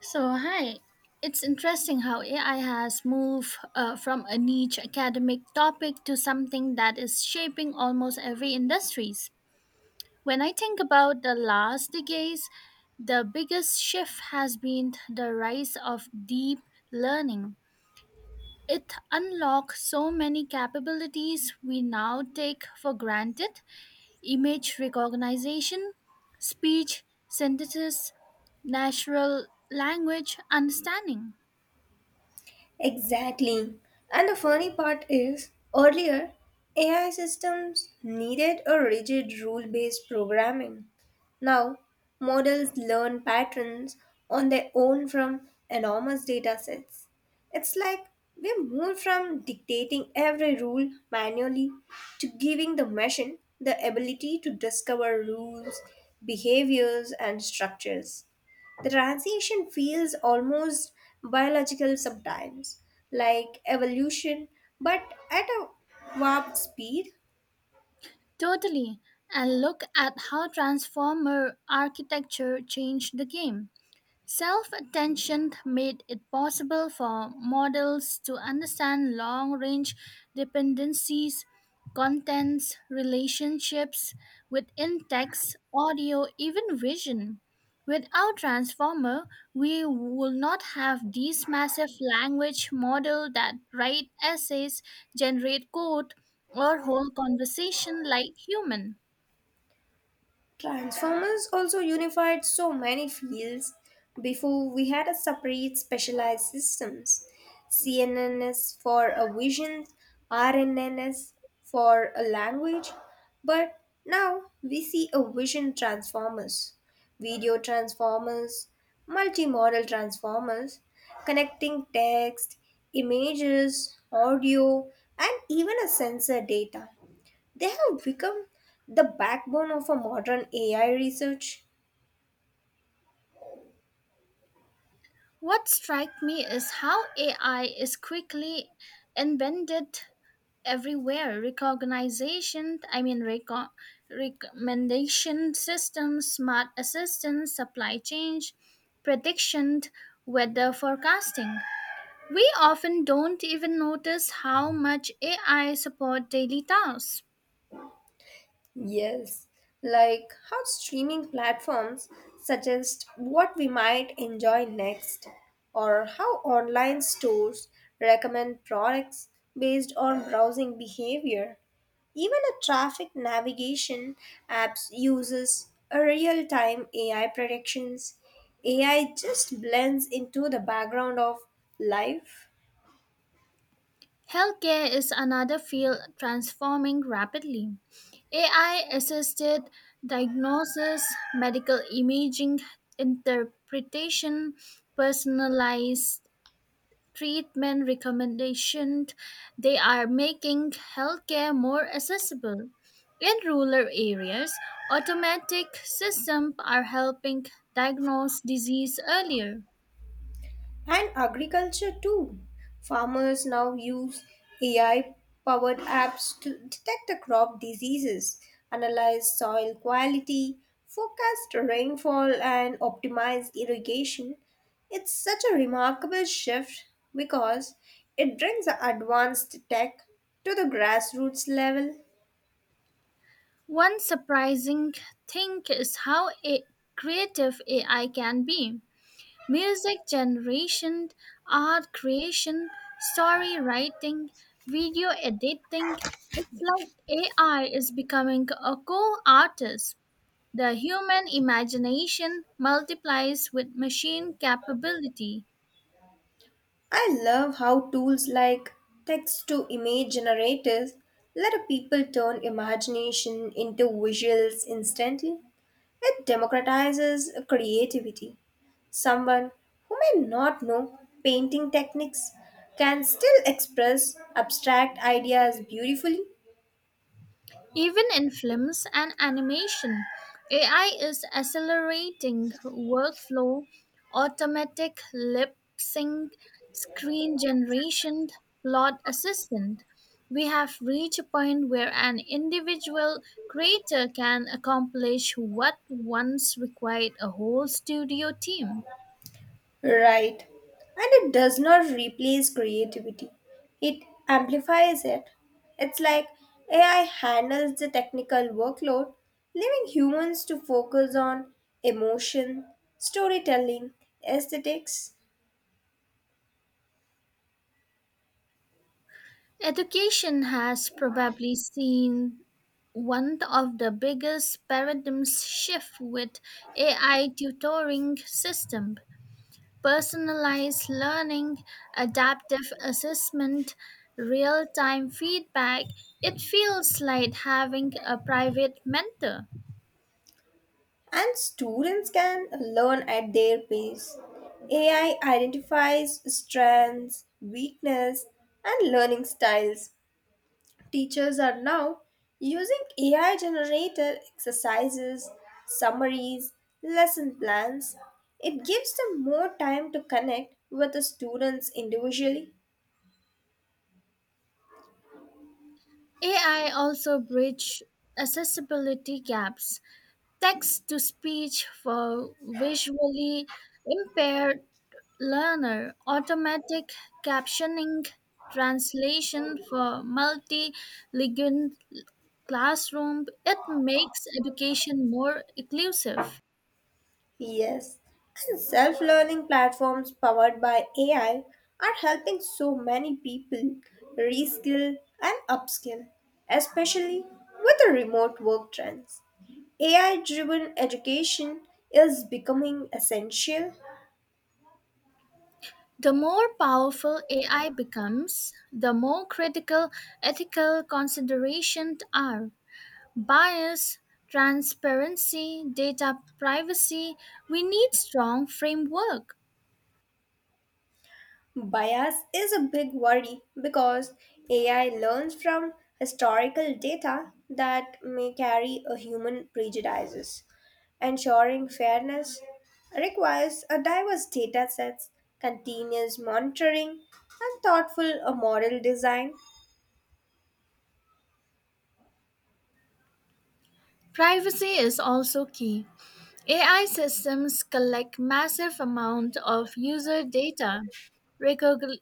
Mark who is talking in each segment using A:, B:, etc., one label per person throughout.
A: So, hi. It's interesting how AI has moved from a niche academic topic to something that is shaping almost every industries. When I think about the last decades, the biggest shift has been the rise of deep learning. It unlocks so many capabilities we now take for granted: image recognition, speech synthesis, natural language understanding.
B: Exactly. And the funny part is, earlier, AI systems needed a rigid rule based programming. Now, models learn patterns on their own from enormous data sets. It's like we moved from dictating every rule manually to giving the machine the ability to discover rules, behaviors, and structures. The transition feels almost biological sometimes, like evolution, but at a warp speed.
A: Totally. And look at how Transformer architecture changed the game. Self attention made it possible for models to understand long range dependencies, contents, relationships within text, audio, even vision. Without Transformer, we will not have these massive language models that write essays, generate code, or hold conversation like human.
B: Transformers also unified so many fields before we had a separate specialized systems. CNNS for a vision, RNNS for a language, but now we see a vision transformers, video transformers, multimodal transformers, connecting text, images, audio, and even a sensor data. They have become the backbone of a modern AI research.
A: What strikes me is how AI is quickly embedded everywhere: recognition, I mean, recommendation systems, smart assistants, supply chain prediction, weather forecasting. We often don't even notice how much AI support daily tasks.
B: Yes, like how streaming platforms suggest what we might enjoy next, or how online stores recommend products based on browsing behavior. Even a traffic navigation apps uses a real-time AI predictions. AI just blends into the background of life.
A: Healthcare is another field transforming rapidly: AI assisted diagnosis, medical imaging interpretation, personalized treatment recommendations. They are making healthcare more accessible in rural areas. Automatic systems are helping diagnose disease earlier.
B: And agriculture too. Farmers now use AI powered apps to detect the crop diseases, analyze soil quality, forecast rainfall, and optimize irrigation. It's such a remarkable shift because it brings the advanced tech to the grassroots level.
A: One surprising thing is how a- creative AI can be: music generation, art creation, story writing, video editing. It's like AI is becoming a co-artist. The human imagination multiplies with machine capability.
B: I love how tools like text to image generators let a people turn imagination into visuals instantly. It democratizes creativity. Someone who may not know painting techniques can still express abstract ideas beautifully.
A: Even in films and animation, AI is accelerating workflow, automatic lip sync, screen generation, plot assistant. We have reached a point where an individual creator can accomplish what once required a whole studio team.
B: Right. And it does not replace creativity, it amplifies it. It's like AI handles the technical workload, leaving humans to focus on emotion, storytelling, aesthetics,
A: Education has probably seen one of the biggest paradigm shift, with AI tutoring system, personalized learning, adaptive assessment, real-time feedback. It feels like having a private mentor.
B: and students can learn at their pace. AI identifies strengths, weakness, and learning styles. Teachers are now using AI generated exercises, summaries, lesson plans. It gives them more time to connect with the students individually.
A: AI also bridge accessibility gaps: text to speech for visually impaired learner, automatic captioning, translation for multilingual classroom. It makes education more inclusive.
B: Yes, and self learning platforms powered by AI are helping so many people reskill and upskill, especially with the remote work trends. AI driven education is becoming essential.
A: The more powerful AI becomes, the more critical ethical considerations are: bias, transparency, data privacy. We need strong framework.
B: Bias is a big worry because AI learns from historical data that may carry a human prejudices. Ensuring fairness requires a diverse data sets, continuous monitoring, and thoughtful model design.
A: Privacy is also key. AI systems collect massive amount of user data. Recog-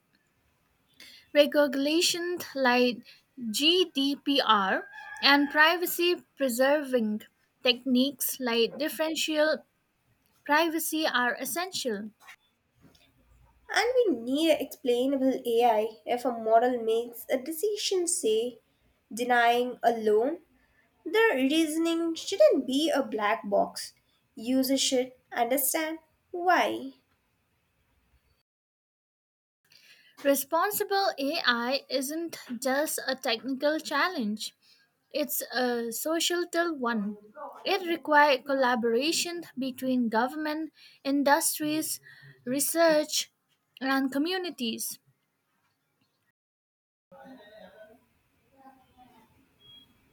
A: Regulations like GDPR and privacy preserving techniques like differential privacy are essential.
B: And we need explainable AI if a model makes a decision, say, denying a loan. The reasoning shouldn't be a black box. Users should understand why.
A: Responsible AI isn't just a technical challenge. It's a societal one. It requires collaboration between government, industries, research, and communities.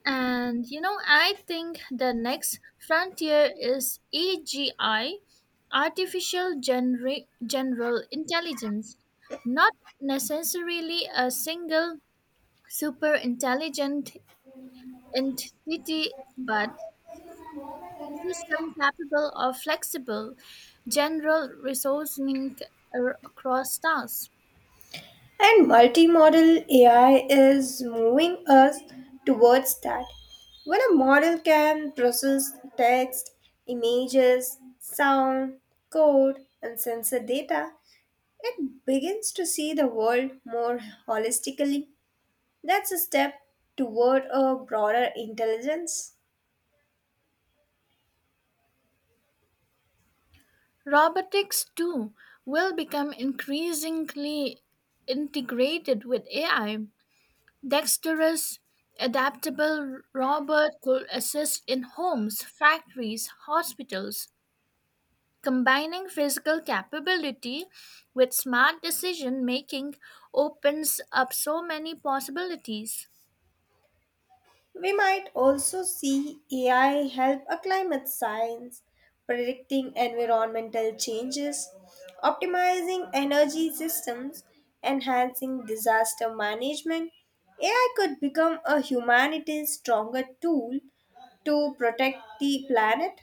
A: And I think the next frontier is AGI, artificial general intelligence, not necessarily a single super intelligent entity, but system capable of flexible, general reasoning across tasks.
B: And multimodal AI is moving us towards that. When a model can process text, images, sound, code, and sensor data, it begins to see the world more holistically. That's a step toward a broader intelligence.
A: Robotics, too, will become increasingly integrated with AI. Dexterous, adaptable robot could assist in homes, factories, hospitals. Combining physical capability with smart decision making opens up so many possibilities.
B: We might also see AI help a climate science, predicting environmental changes, optimizing energy systems, enhancing disaster management. AI could become a humanity's stronger tool to protect the planet.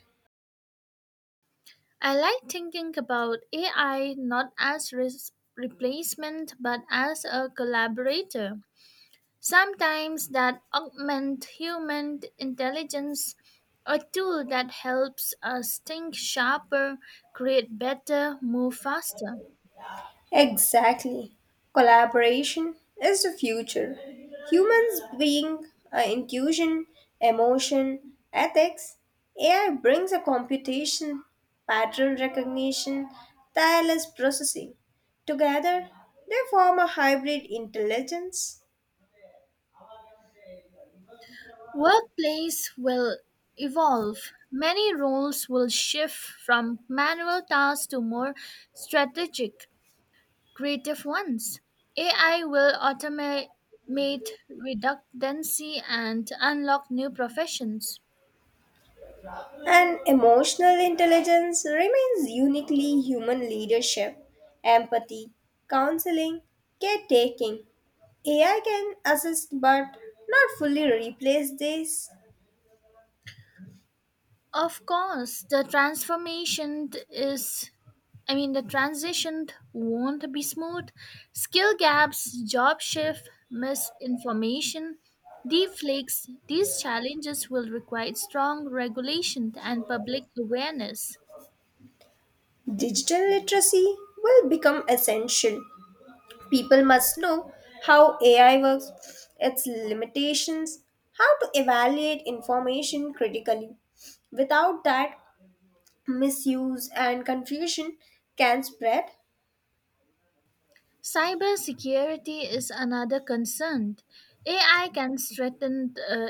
A: I like thinking about AI not as replacement but as a collaborator. Sometimes that augment human intelligence, a tool that helps us think sharper, create better, move faster.
B: Exactly. Collaboration is the future. Humans being intuition, emotion, ethics, AI brings a computation, pattern recognition, tireless processing. Together, they form a hybrid intelligence.
A: Workplace will evolve. Many roles will shift from manual tasks to more strategic, creative ones. AI will automate redundancy and unlock new professions.
B: And emotional intelligence remains uniquely human leadership, empathy, counseling, caretaking. AI can assist but not fully replace this.
A: Of course, I mean, the transition won't be smooth. Skill gaps, job shift, misinformation, deflakes, these challenges will require strong regulation and public awareness.
B: Digital literacy will become essential. People must know how AI works, its limitations, how to evaluate information critically. Without that, misuse and confusion can spread.
A: Cybersecurity is another concern. AI can threaten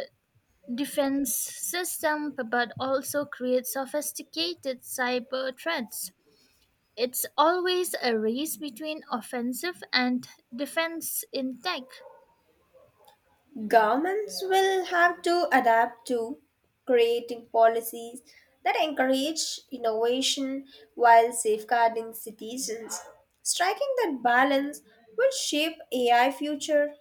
A: defense system but also creates sophisticated cyber threats. It's always a race between offensive and defense in tech.
B: Governments will have to adapt to creating policies that encourage innovation while safeguarding citizens. Striking that balance will shape AI future.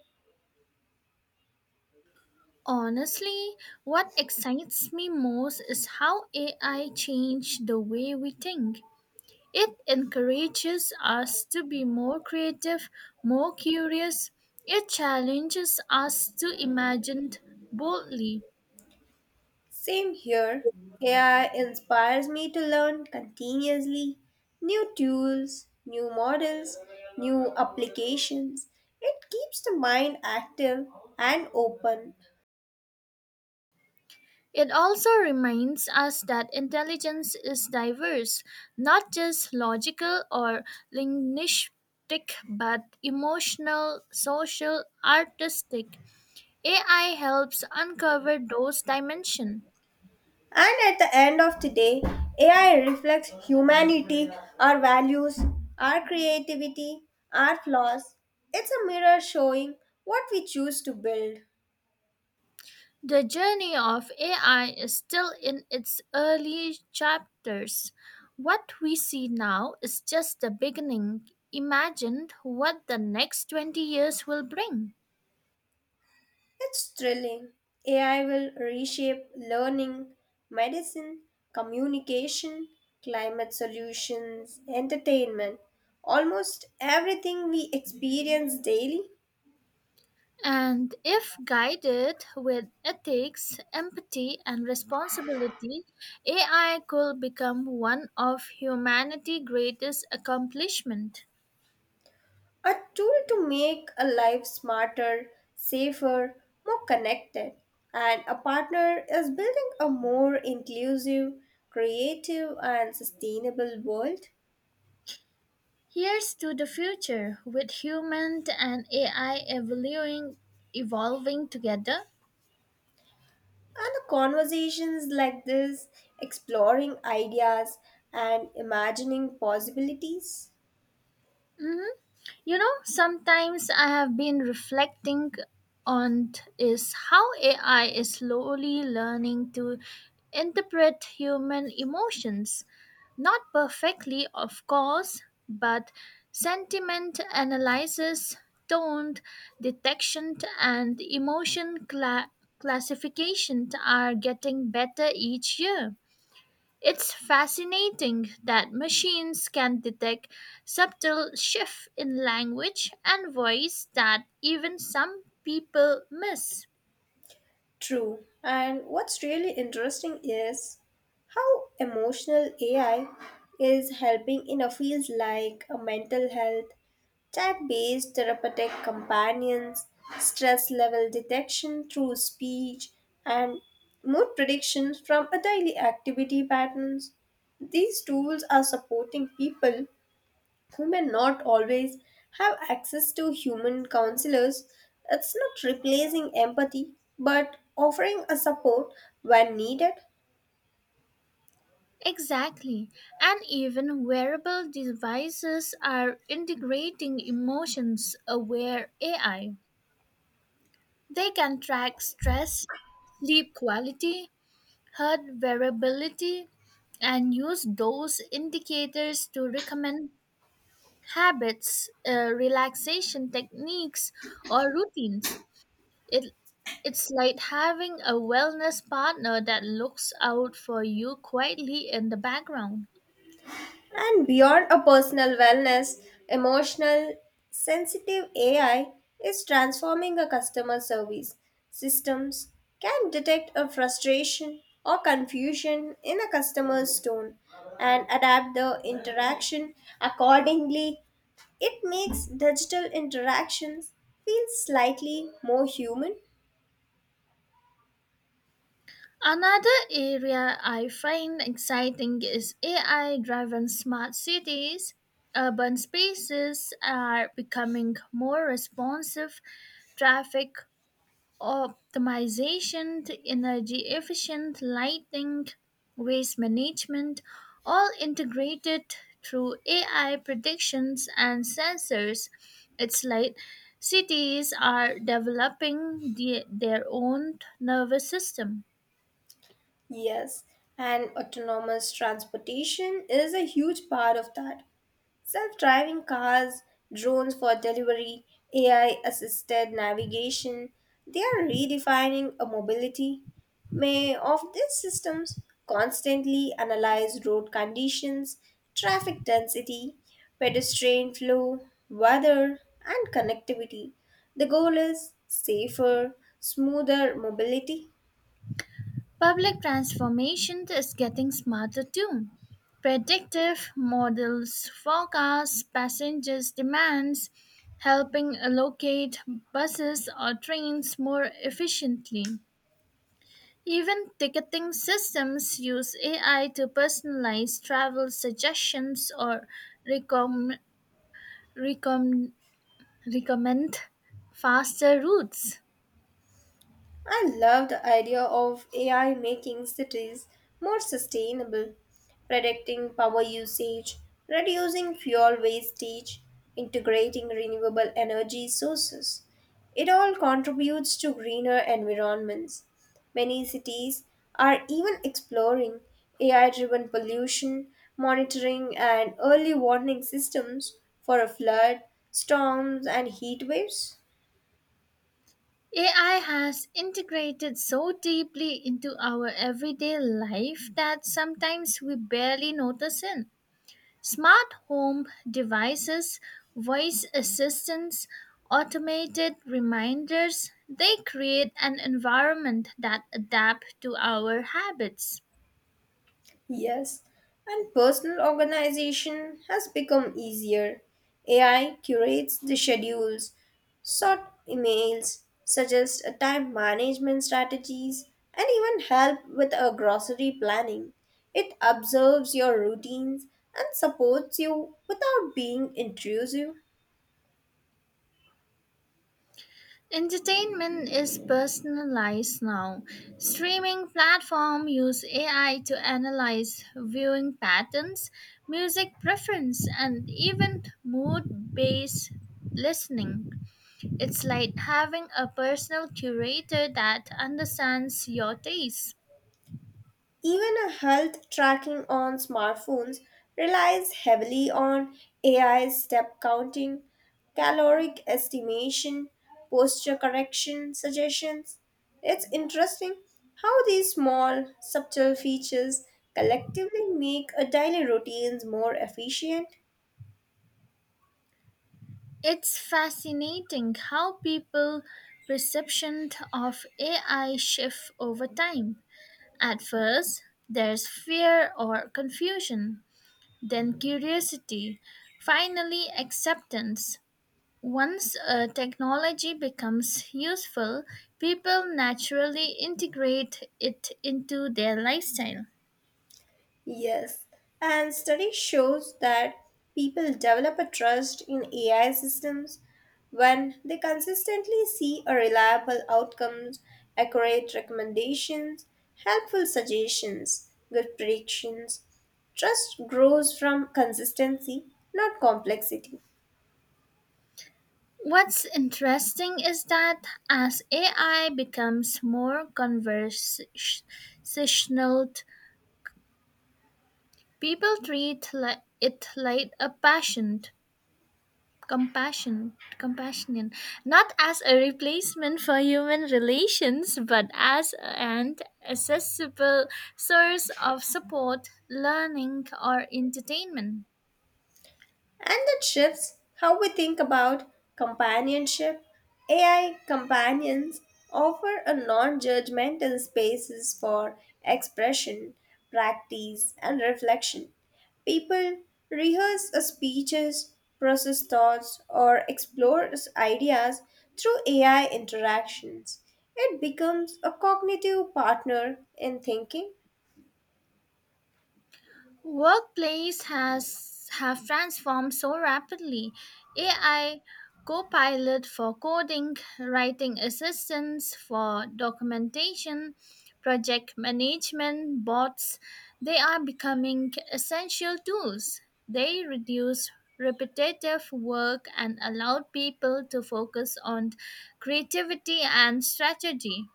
A: Honestly, what excites me most is how AI changed the way we think. It encourages us to be more creative, more curious. It challenges us to imagine boldly.
B: Same here. AI inspires me to learn continuously new tools, new models, new applications. It keeps the mind active and open.
A: It also reminds us that intelligence is diverse, not just logical or linguistic, but emotional, social, artistic. AI helps uncover those dimensions.
B: And at the end of the day, AI reflects humanity, our values, our creativity, our flaws. It's a mirror showing what we choose to build.
A: The journey of AI is still in its early chapters. What we see now is just the beginning. Imagine what the next 20 years will bring.
B: It's thrilling. AI will reshape learning, medicine, communication, climate solutions, entertainment, almost everything we experience daily.
A: And if guided with ethics, empathy, and responsibility, AI could become one of humanity's greatest accomplishments.
B: A tool to make a life smarter, safer, more connected. And a partner is building a more inclusive, creative, and sustainable world.
A: Here's to the future, with humans and AI evolving together.
B: And the conversations like this, exploring ideas and imagining possibilities.
A: Sometimes I have been reflecting on is how AI is slowly learning to interpret human emotions. Not perfectly, of course, but sentiment analysis, tone detection, and emotion classification are getting better each year. It's fascinating that machines can detect subtle shifts in language and voice that even some people miss.
B: True. And what's really interesting is how emotional AI is helping in a field like mental health. Type based therapeutic companions, stress level detection through speech, and mood predictions from a daily activity patterns. These tools are supporting people who may not always have access to human counselors. It's not replacing empathy, but offering a support when needed.
A: Exactly. And even wearable devices are integrating emotions aware AI. They can track stress, sleep quality, heart variability, and use those indicators to recommend habits, relaxation techniques, or routines. It, it's like having a wellness partner that looks out for you quietly in the background.
B: And beyond a personal wellness, emotional, sensitive AI is transforming a customer service. Systems can detect a frustration or confusion in a customer's tone and adapt the interaction accordingly. It makes digital interactions feel slightly more human.
A: Another area I find exciting is AI driven smart cities. Urban spaces are becoming more responsive: traffic optimization, energy efficient lighting, waste management, all integrated through AI predictions and sensors. It's like cities are developing their own nervous system.
B: Yes, and autonomous transportation is a huge part of that. Self driving cars, drones for delivery, AI assisted navigation, they are redefining a mobility. May of these systems constantly analyze road conditions, traffic density, pedestrian flow, weather, and connectivity. The goal is safer, smoother mobility.
A: Public transformation is getting smarter too. Predictive models forecast passengers' demands, helping allocate buses or trains more efficiently. Even ticketing systems use AI to personalize travel suggestions or recom recomm- recommend faster routes.
B: I love the idea of AI making cities more sustainable, predicting power usage, reducing fuel wastage, integrating renewable energy sources. It all contributes to greener environments. Many cities are even exploring AI driven pollution monitoring and early warning systems for a flood, storms, and heat waves.
A: AI has integrated so deeply into our everyday life that sometimes we barely notice it. Smart home devices, voice assistants, automated reminders, they create an environment that adapts to our habits.
B: Yes, and personal organization has become easier. AI curates the schedules, sort emails, suggests a time management strategies, and even help with a grocery planning. It observes your routines and supports you without being intrusive.
A: Entertainment is personalized now. Streaming platforms use AI to analyze viewing patterns, music preference, and even mood based listening. It's like having a personal curator that understands your taste.
B: Even a health tracking on smartphones relies heavily on AI step counting, caloric estimation, posture correction suggestions. It's interesting how these small, subtle features collectively make a daily routines more efficient.
A: It's fascinating how people perception of AI shift over time. At first, there's fear or confusion, then curiosity, finally, acceptance. Once a technology becomes useful, people naturally integrate it into their lifestyle.
B: Yes, and study shows that people develop a trust in AI systems when they consistently see a reliable outcomes, accurate recommendations, helpful suggestions, good predictions. Trust grows from consistency, not complexity.
A: What's interesting is that as AI becomes more conversational, people treat it like a passion compassion compassion, not as a replacement for human relations but as an accessible source of support, learning, or entertainment.
B: And that shifts how we think about companionship. AI companions offer a non judgmental spaces for expression, practice, and reflection. People rehearse a speeches, process thoughts, or explore ideas through AI interactions. It becomes a cognitive partner in thinking.
A: Workplace has have transformed so rapidly. AI copilot for coding, writing assistants for documentation, project management, bots, they are becoming essential tools. They reduce repetitive work and allow people to focus on creativity and strategy.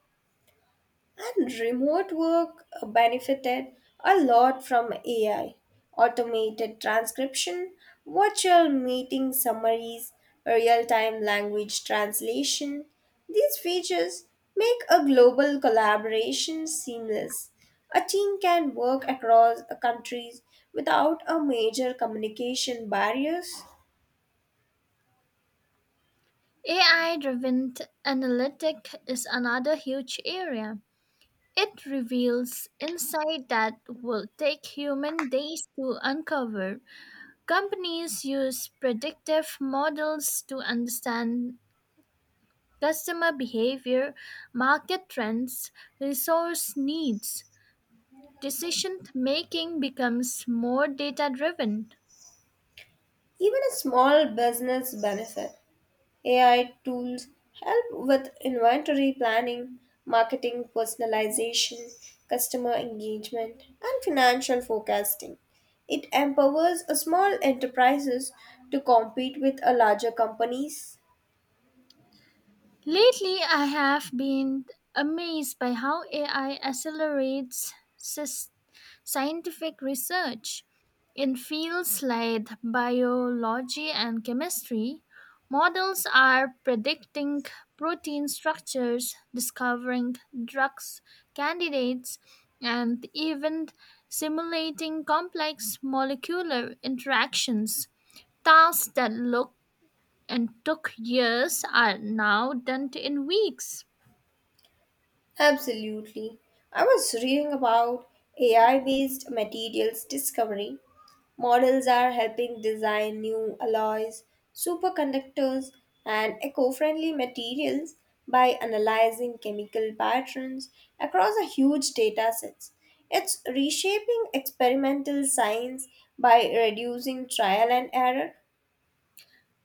B: And remote work benefited a lot from AI, automated transcription, virtual meeting summaries, real time language translation. These features make a global collaboration seamless. A team can work across countries without a major communication barriers.
A: AI driven analytic is another huge area. It reveals insight that will take human days to uncover. Companies use predictive models to understand customer behavior, market trends, resource needs. Decision making becomes more data driven.
B: Even a small business benefit. AI tools help with inventory planning, marketing personalization, customer engagement, and financial forecasting. It empowers a small enterprises to compete with a larger companies.
A: Lately, I have been amazed by how AI accelerates scientific research in fields like biology and chemistry. Models are predicting protein structures, discovering drugs candidates, and even simulating complex molecular interactions. Tasks that look and took years are now done in weeks.
B: Absolutely. I was reading about AI based materials discovery. Models are helping design new alloys, superconductors, and eco friendly materials by analyzing chemical patterns across a huge data sets. It's reshaping experimental science by reducing trial and error.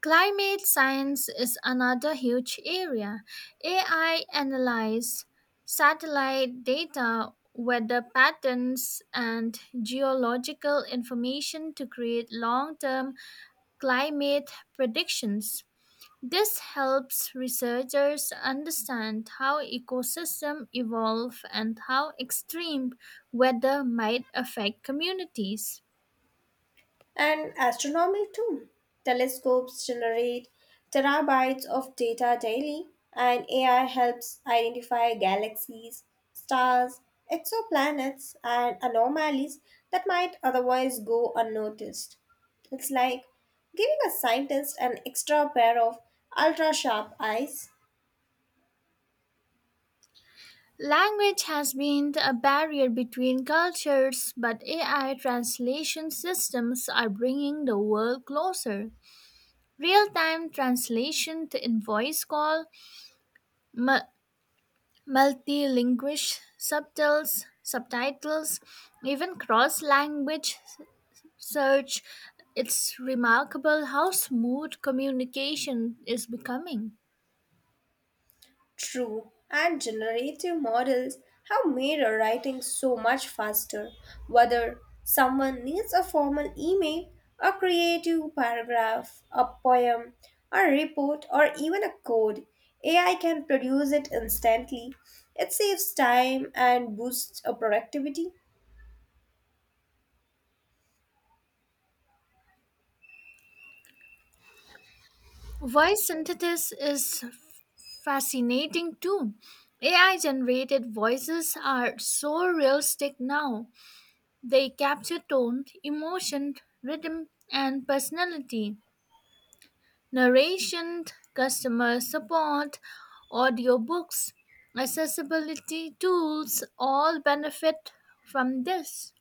A: Climate science is another huge area. AI analyzes satellite data, weather patterns, and geological information to create long term climate predictions. This helps researchers understand how ecosystems evolve and how extreme weather might affect communities.
B: And astronomy too. Telescopes generate terabytes of data daily, and AI helps identify galaxies, stars, exoplanets, and anomalies that might otherwise go unnoticed. It's like giving a scientist an extra pair of ultra sharp eyes.
A: Language has been a barrier between cultures, but AI translation systems are bringing the world closer. Real time translation to invoice call, mu- multilingual subtitles, even cross language search. It's remarkable how smooth communication is becoming.
B: True, and generative models have made our writing so much faster. Whether someone needs a formal email, a creative paragraph, a poem, a report, or even a code, AI can produce it instantly. It saves time and boosts productivity.
A: Voice synthesis is fascinating too. AI generated voices are so realistic now. They capture tone, emotion, rhythm, and personality. Narration, customer support, audiobooks, accessibility tools all benefit from this.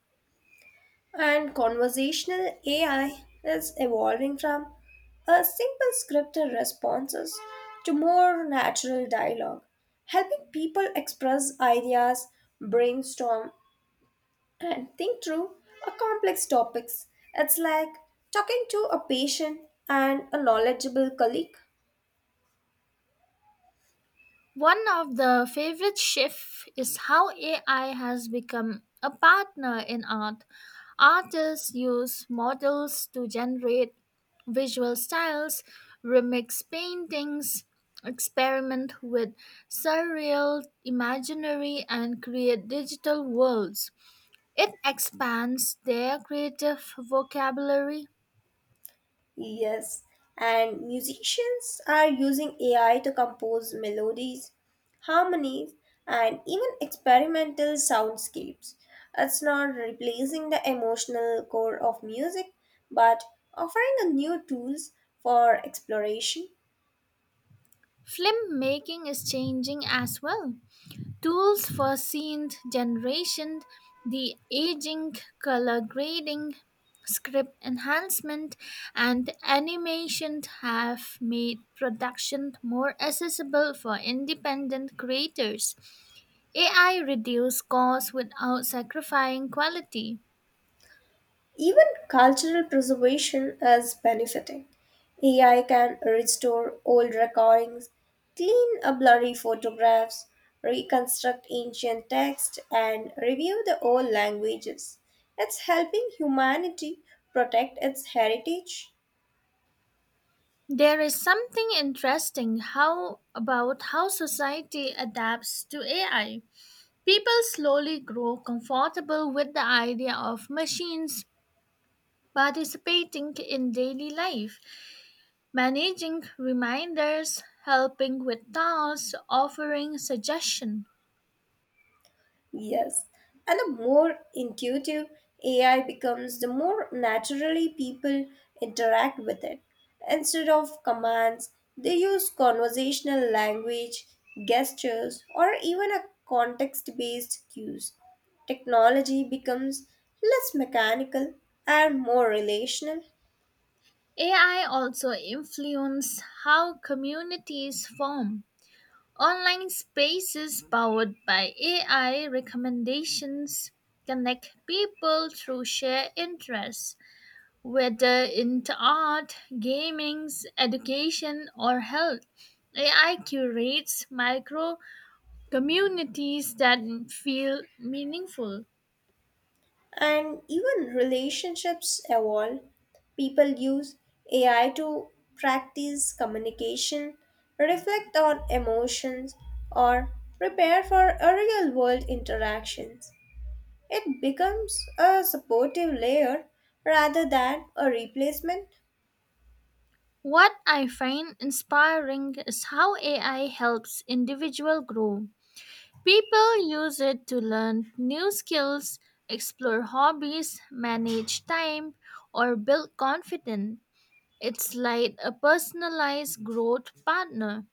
B: And conversational AI is evolving from a simple scripted responses to more natural dialogue, helping people express ideas, brainstorm, and think through a complex topics. It's like talking to a patient and a knowledgeable colleague.
A: One of the favorite shifts is how AI has become a partner in art. Artists use models to generate visual styles, remix paintings, experiment with surreal, imaginary, and create digital worlds. It expands their creative vocabulary.
B: Yes, and musicians are using AI to compose melodies, harmonies, and even experimental soundscapes. It's not replacing the emotional core of music, but offering a new tools for exploration.
A: Filmmaking is changing as well. Tools for seed generation, the aging, color grading, script enhancement, and animation have made production more accessible for independent creators. AI reduces costs without sacrificing quality.
B: Even cultural preservation is benefiting. AI can restore old recordings, clean up blurry photographs, reconstruct ancient text, and review the old languages. It's helping humanity protect its heritage.
A: There is something interesting how about how society adapts to AI. People slowly grow comfortable with the idea of machines participating in daily life, managing reminders, helping with tasks, offering suggestions.
B: Yes. And the more intuitive AI becomes, the more naturally people interact with it. Instead of commands, they use conversational language, gestures, or even a context based cues. Technology becomes less mechanical and more relational.
A: AI also influence how communities form. Online spaces powered by AI recommendations connect people through shared interests, whether into art, gaming, education, or health. AI curates micro communities that feel meaningful.
B: And even relationships evolve. People use AI to practice communication, reflect on emotions, or prepare for a real world interactions. It becomes a supportive layer rather than a replacement.
A: What I find inspiring is how AI helps individual grow. People use it to learn new skills, explore hobbies, manage time, or build confidence. It's like a personalized growth partner.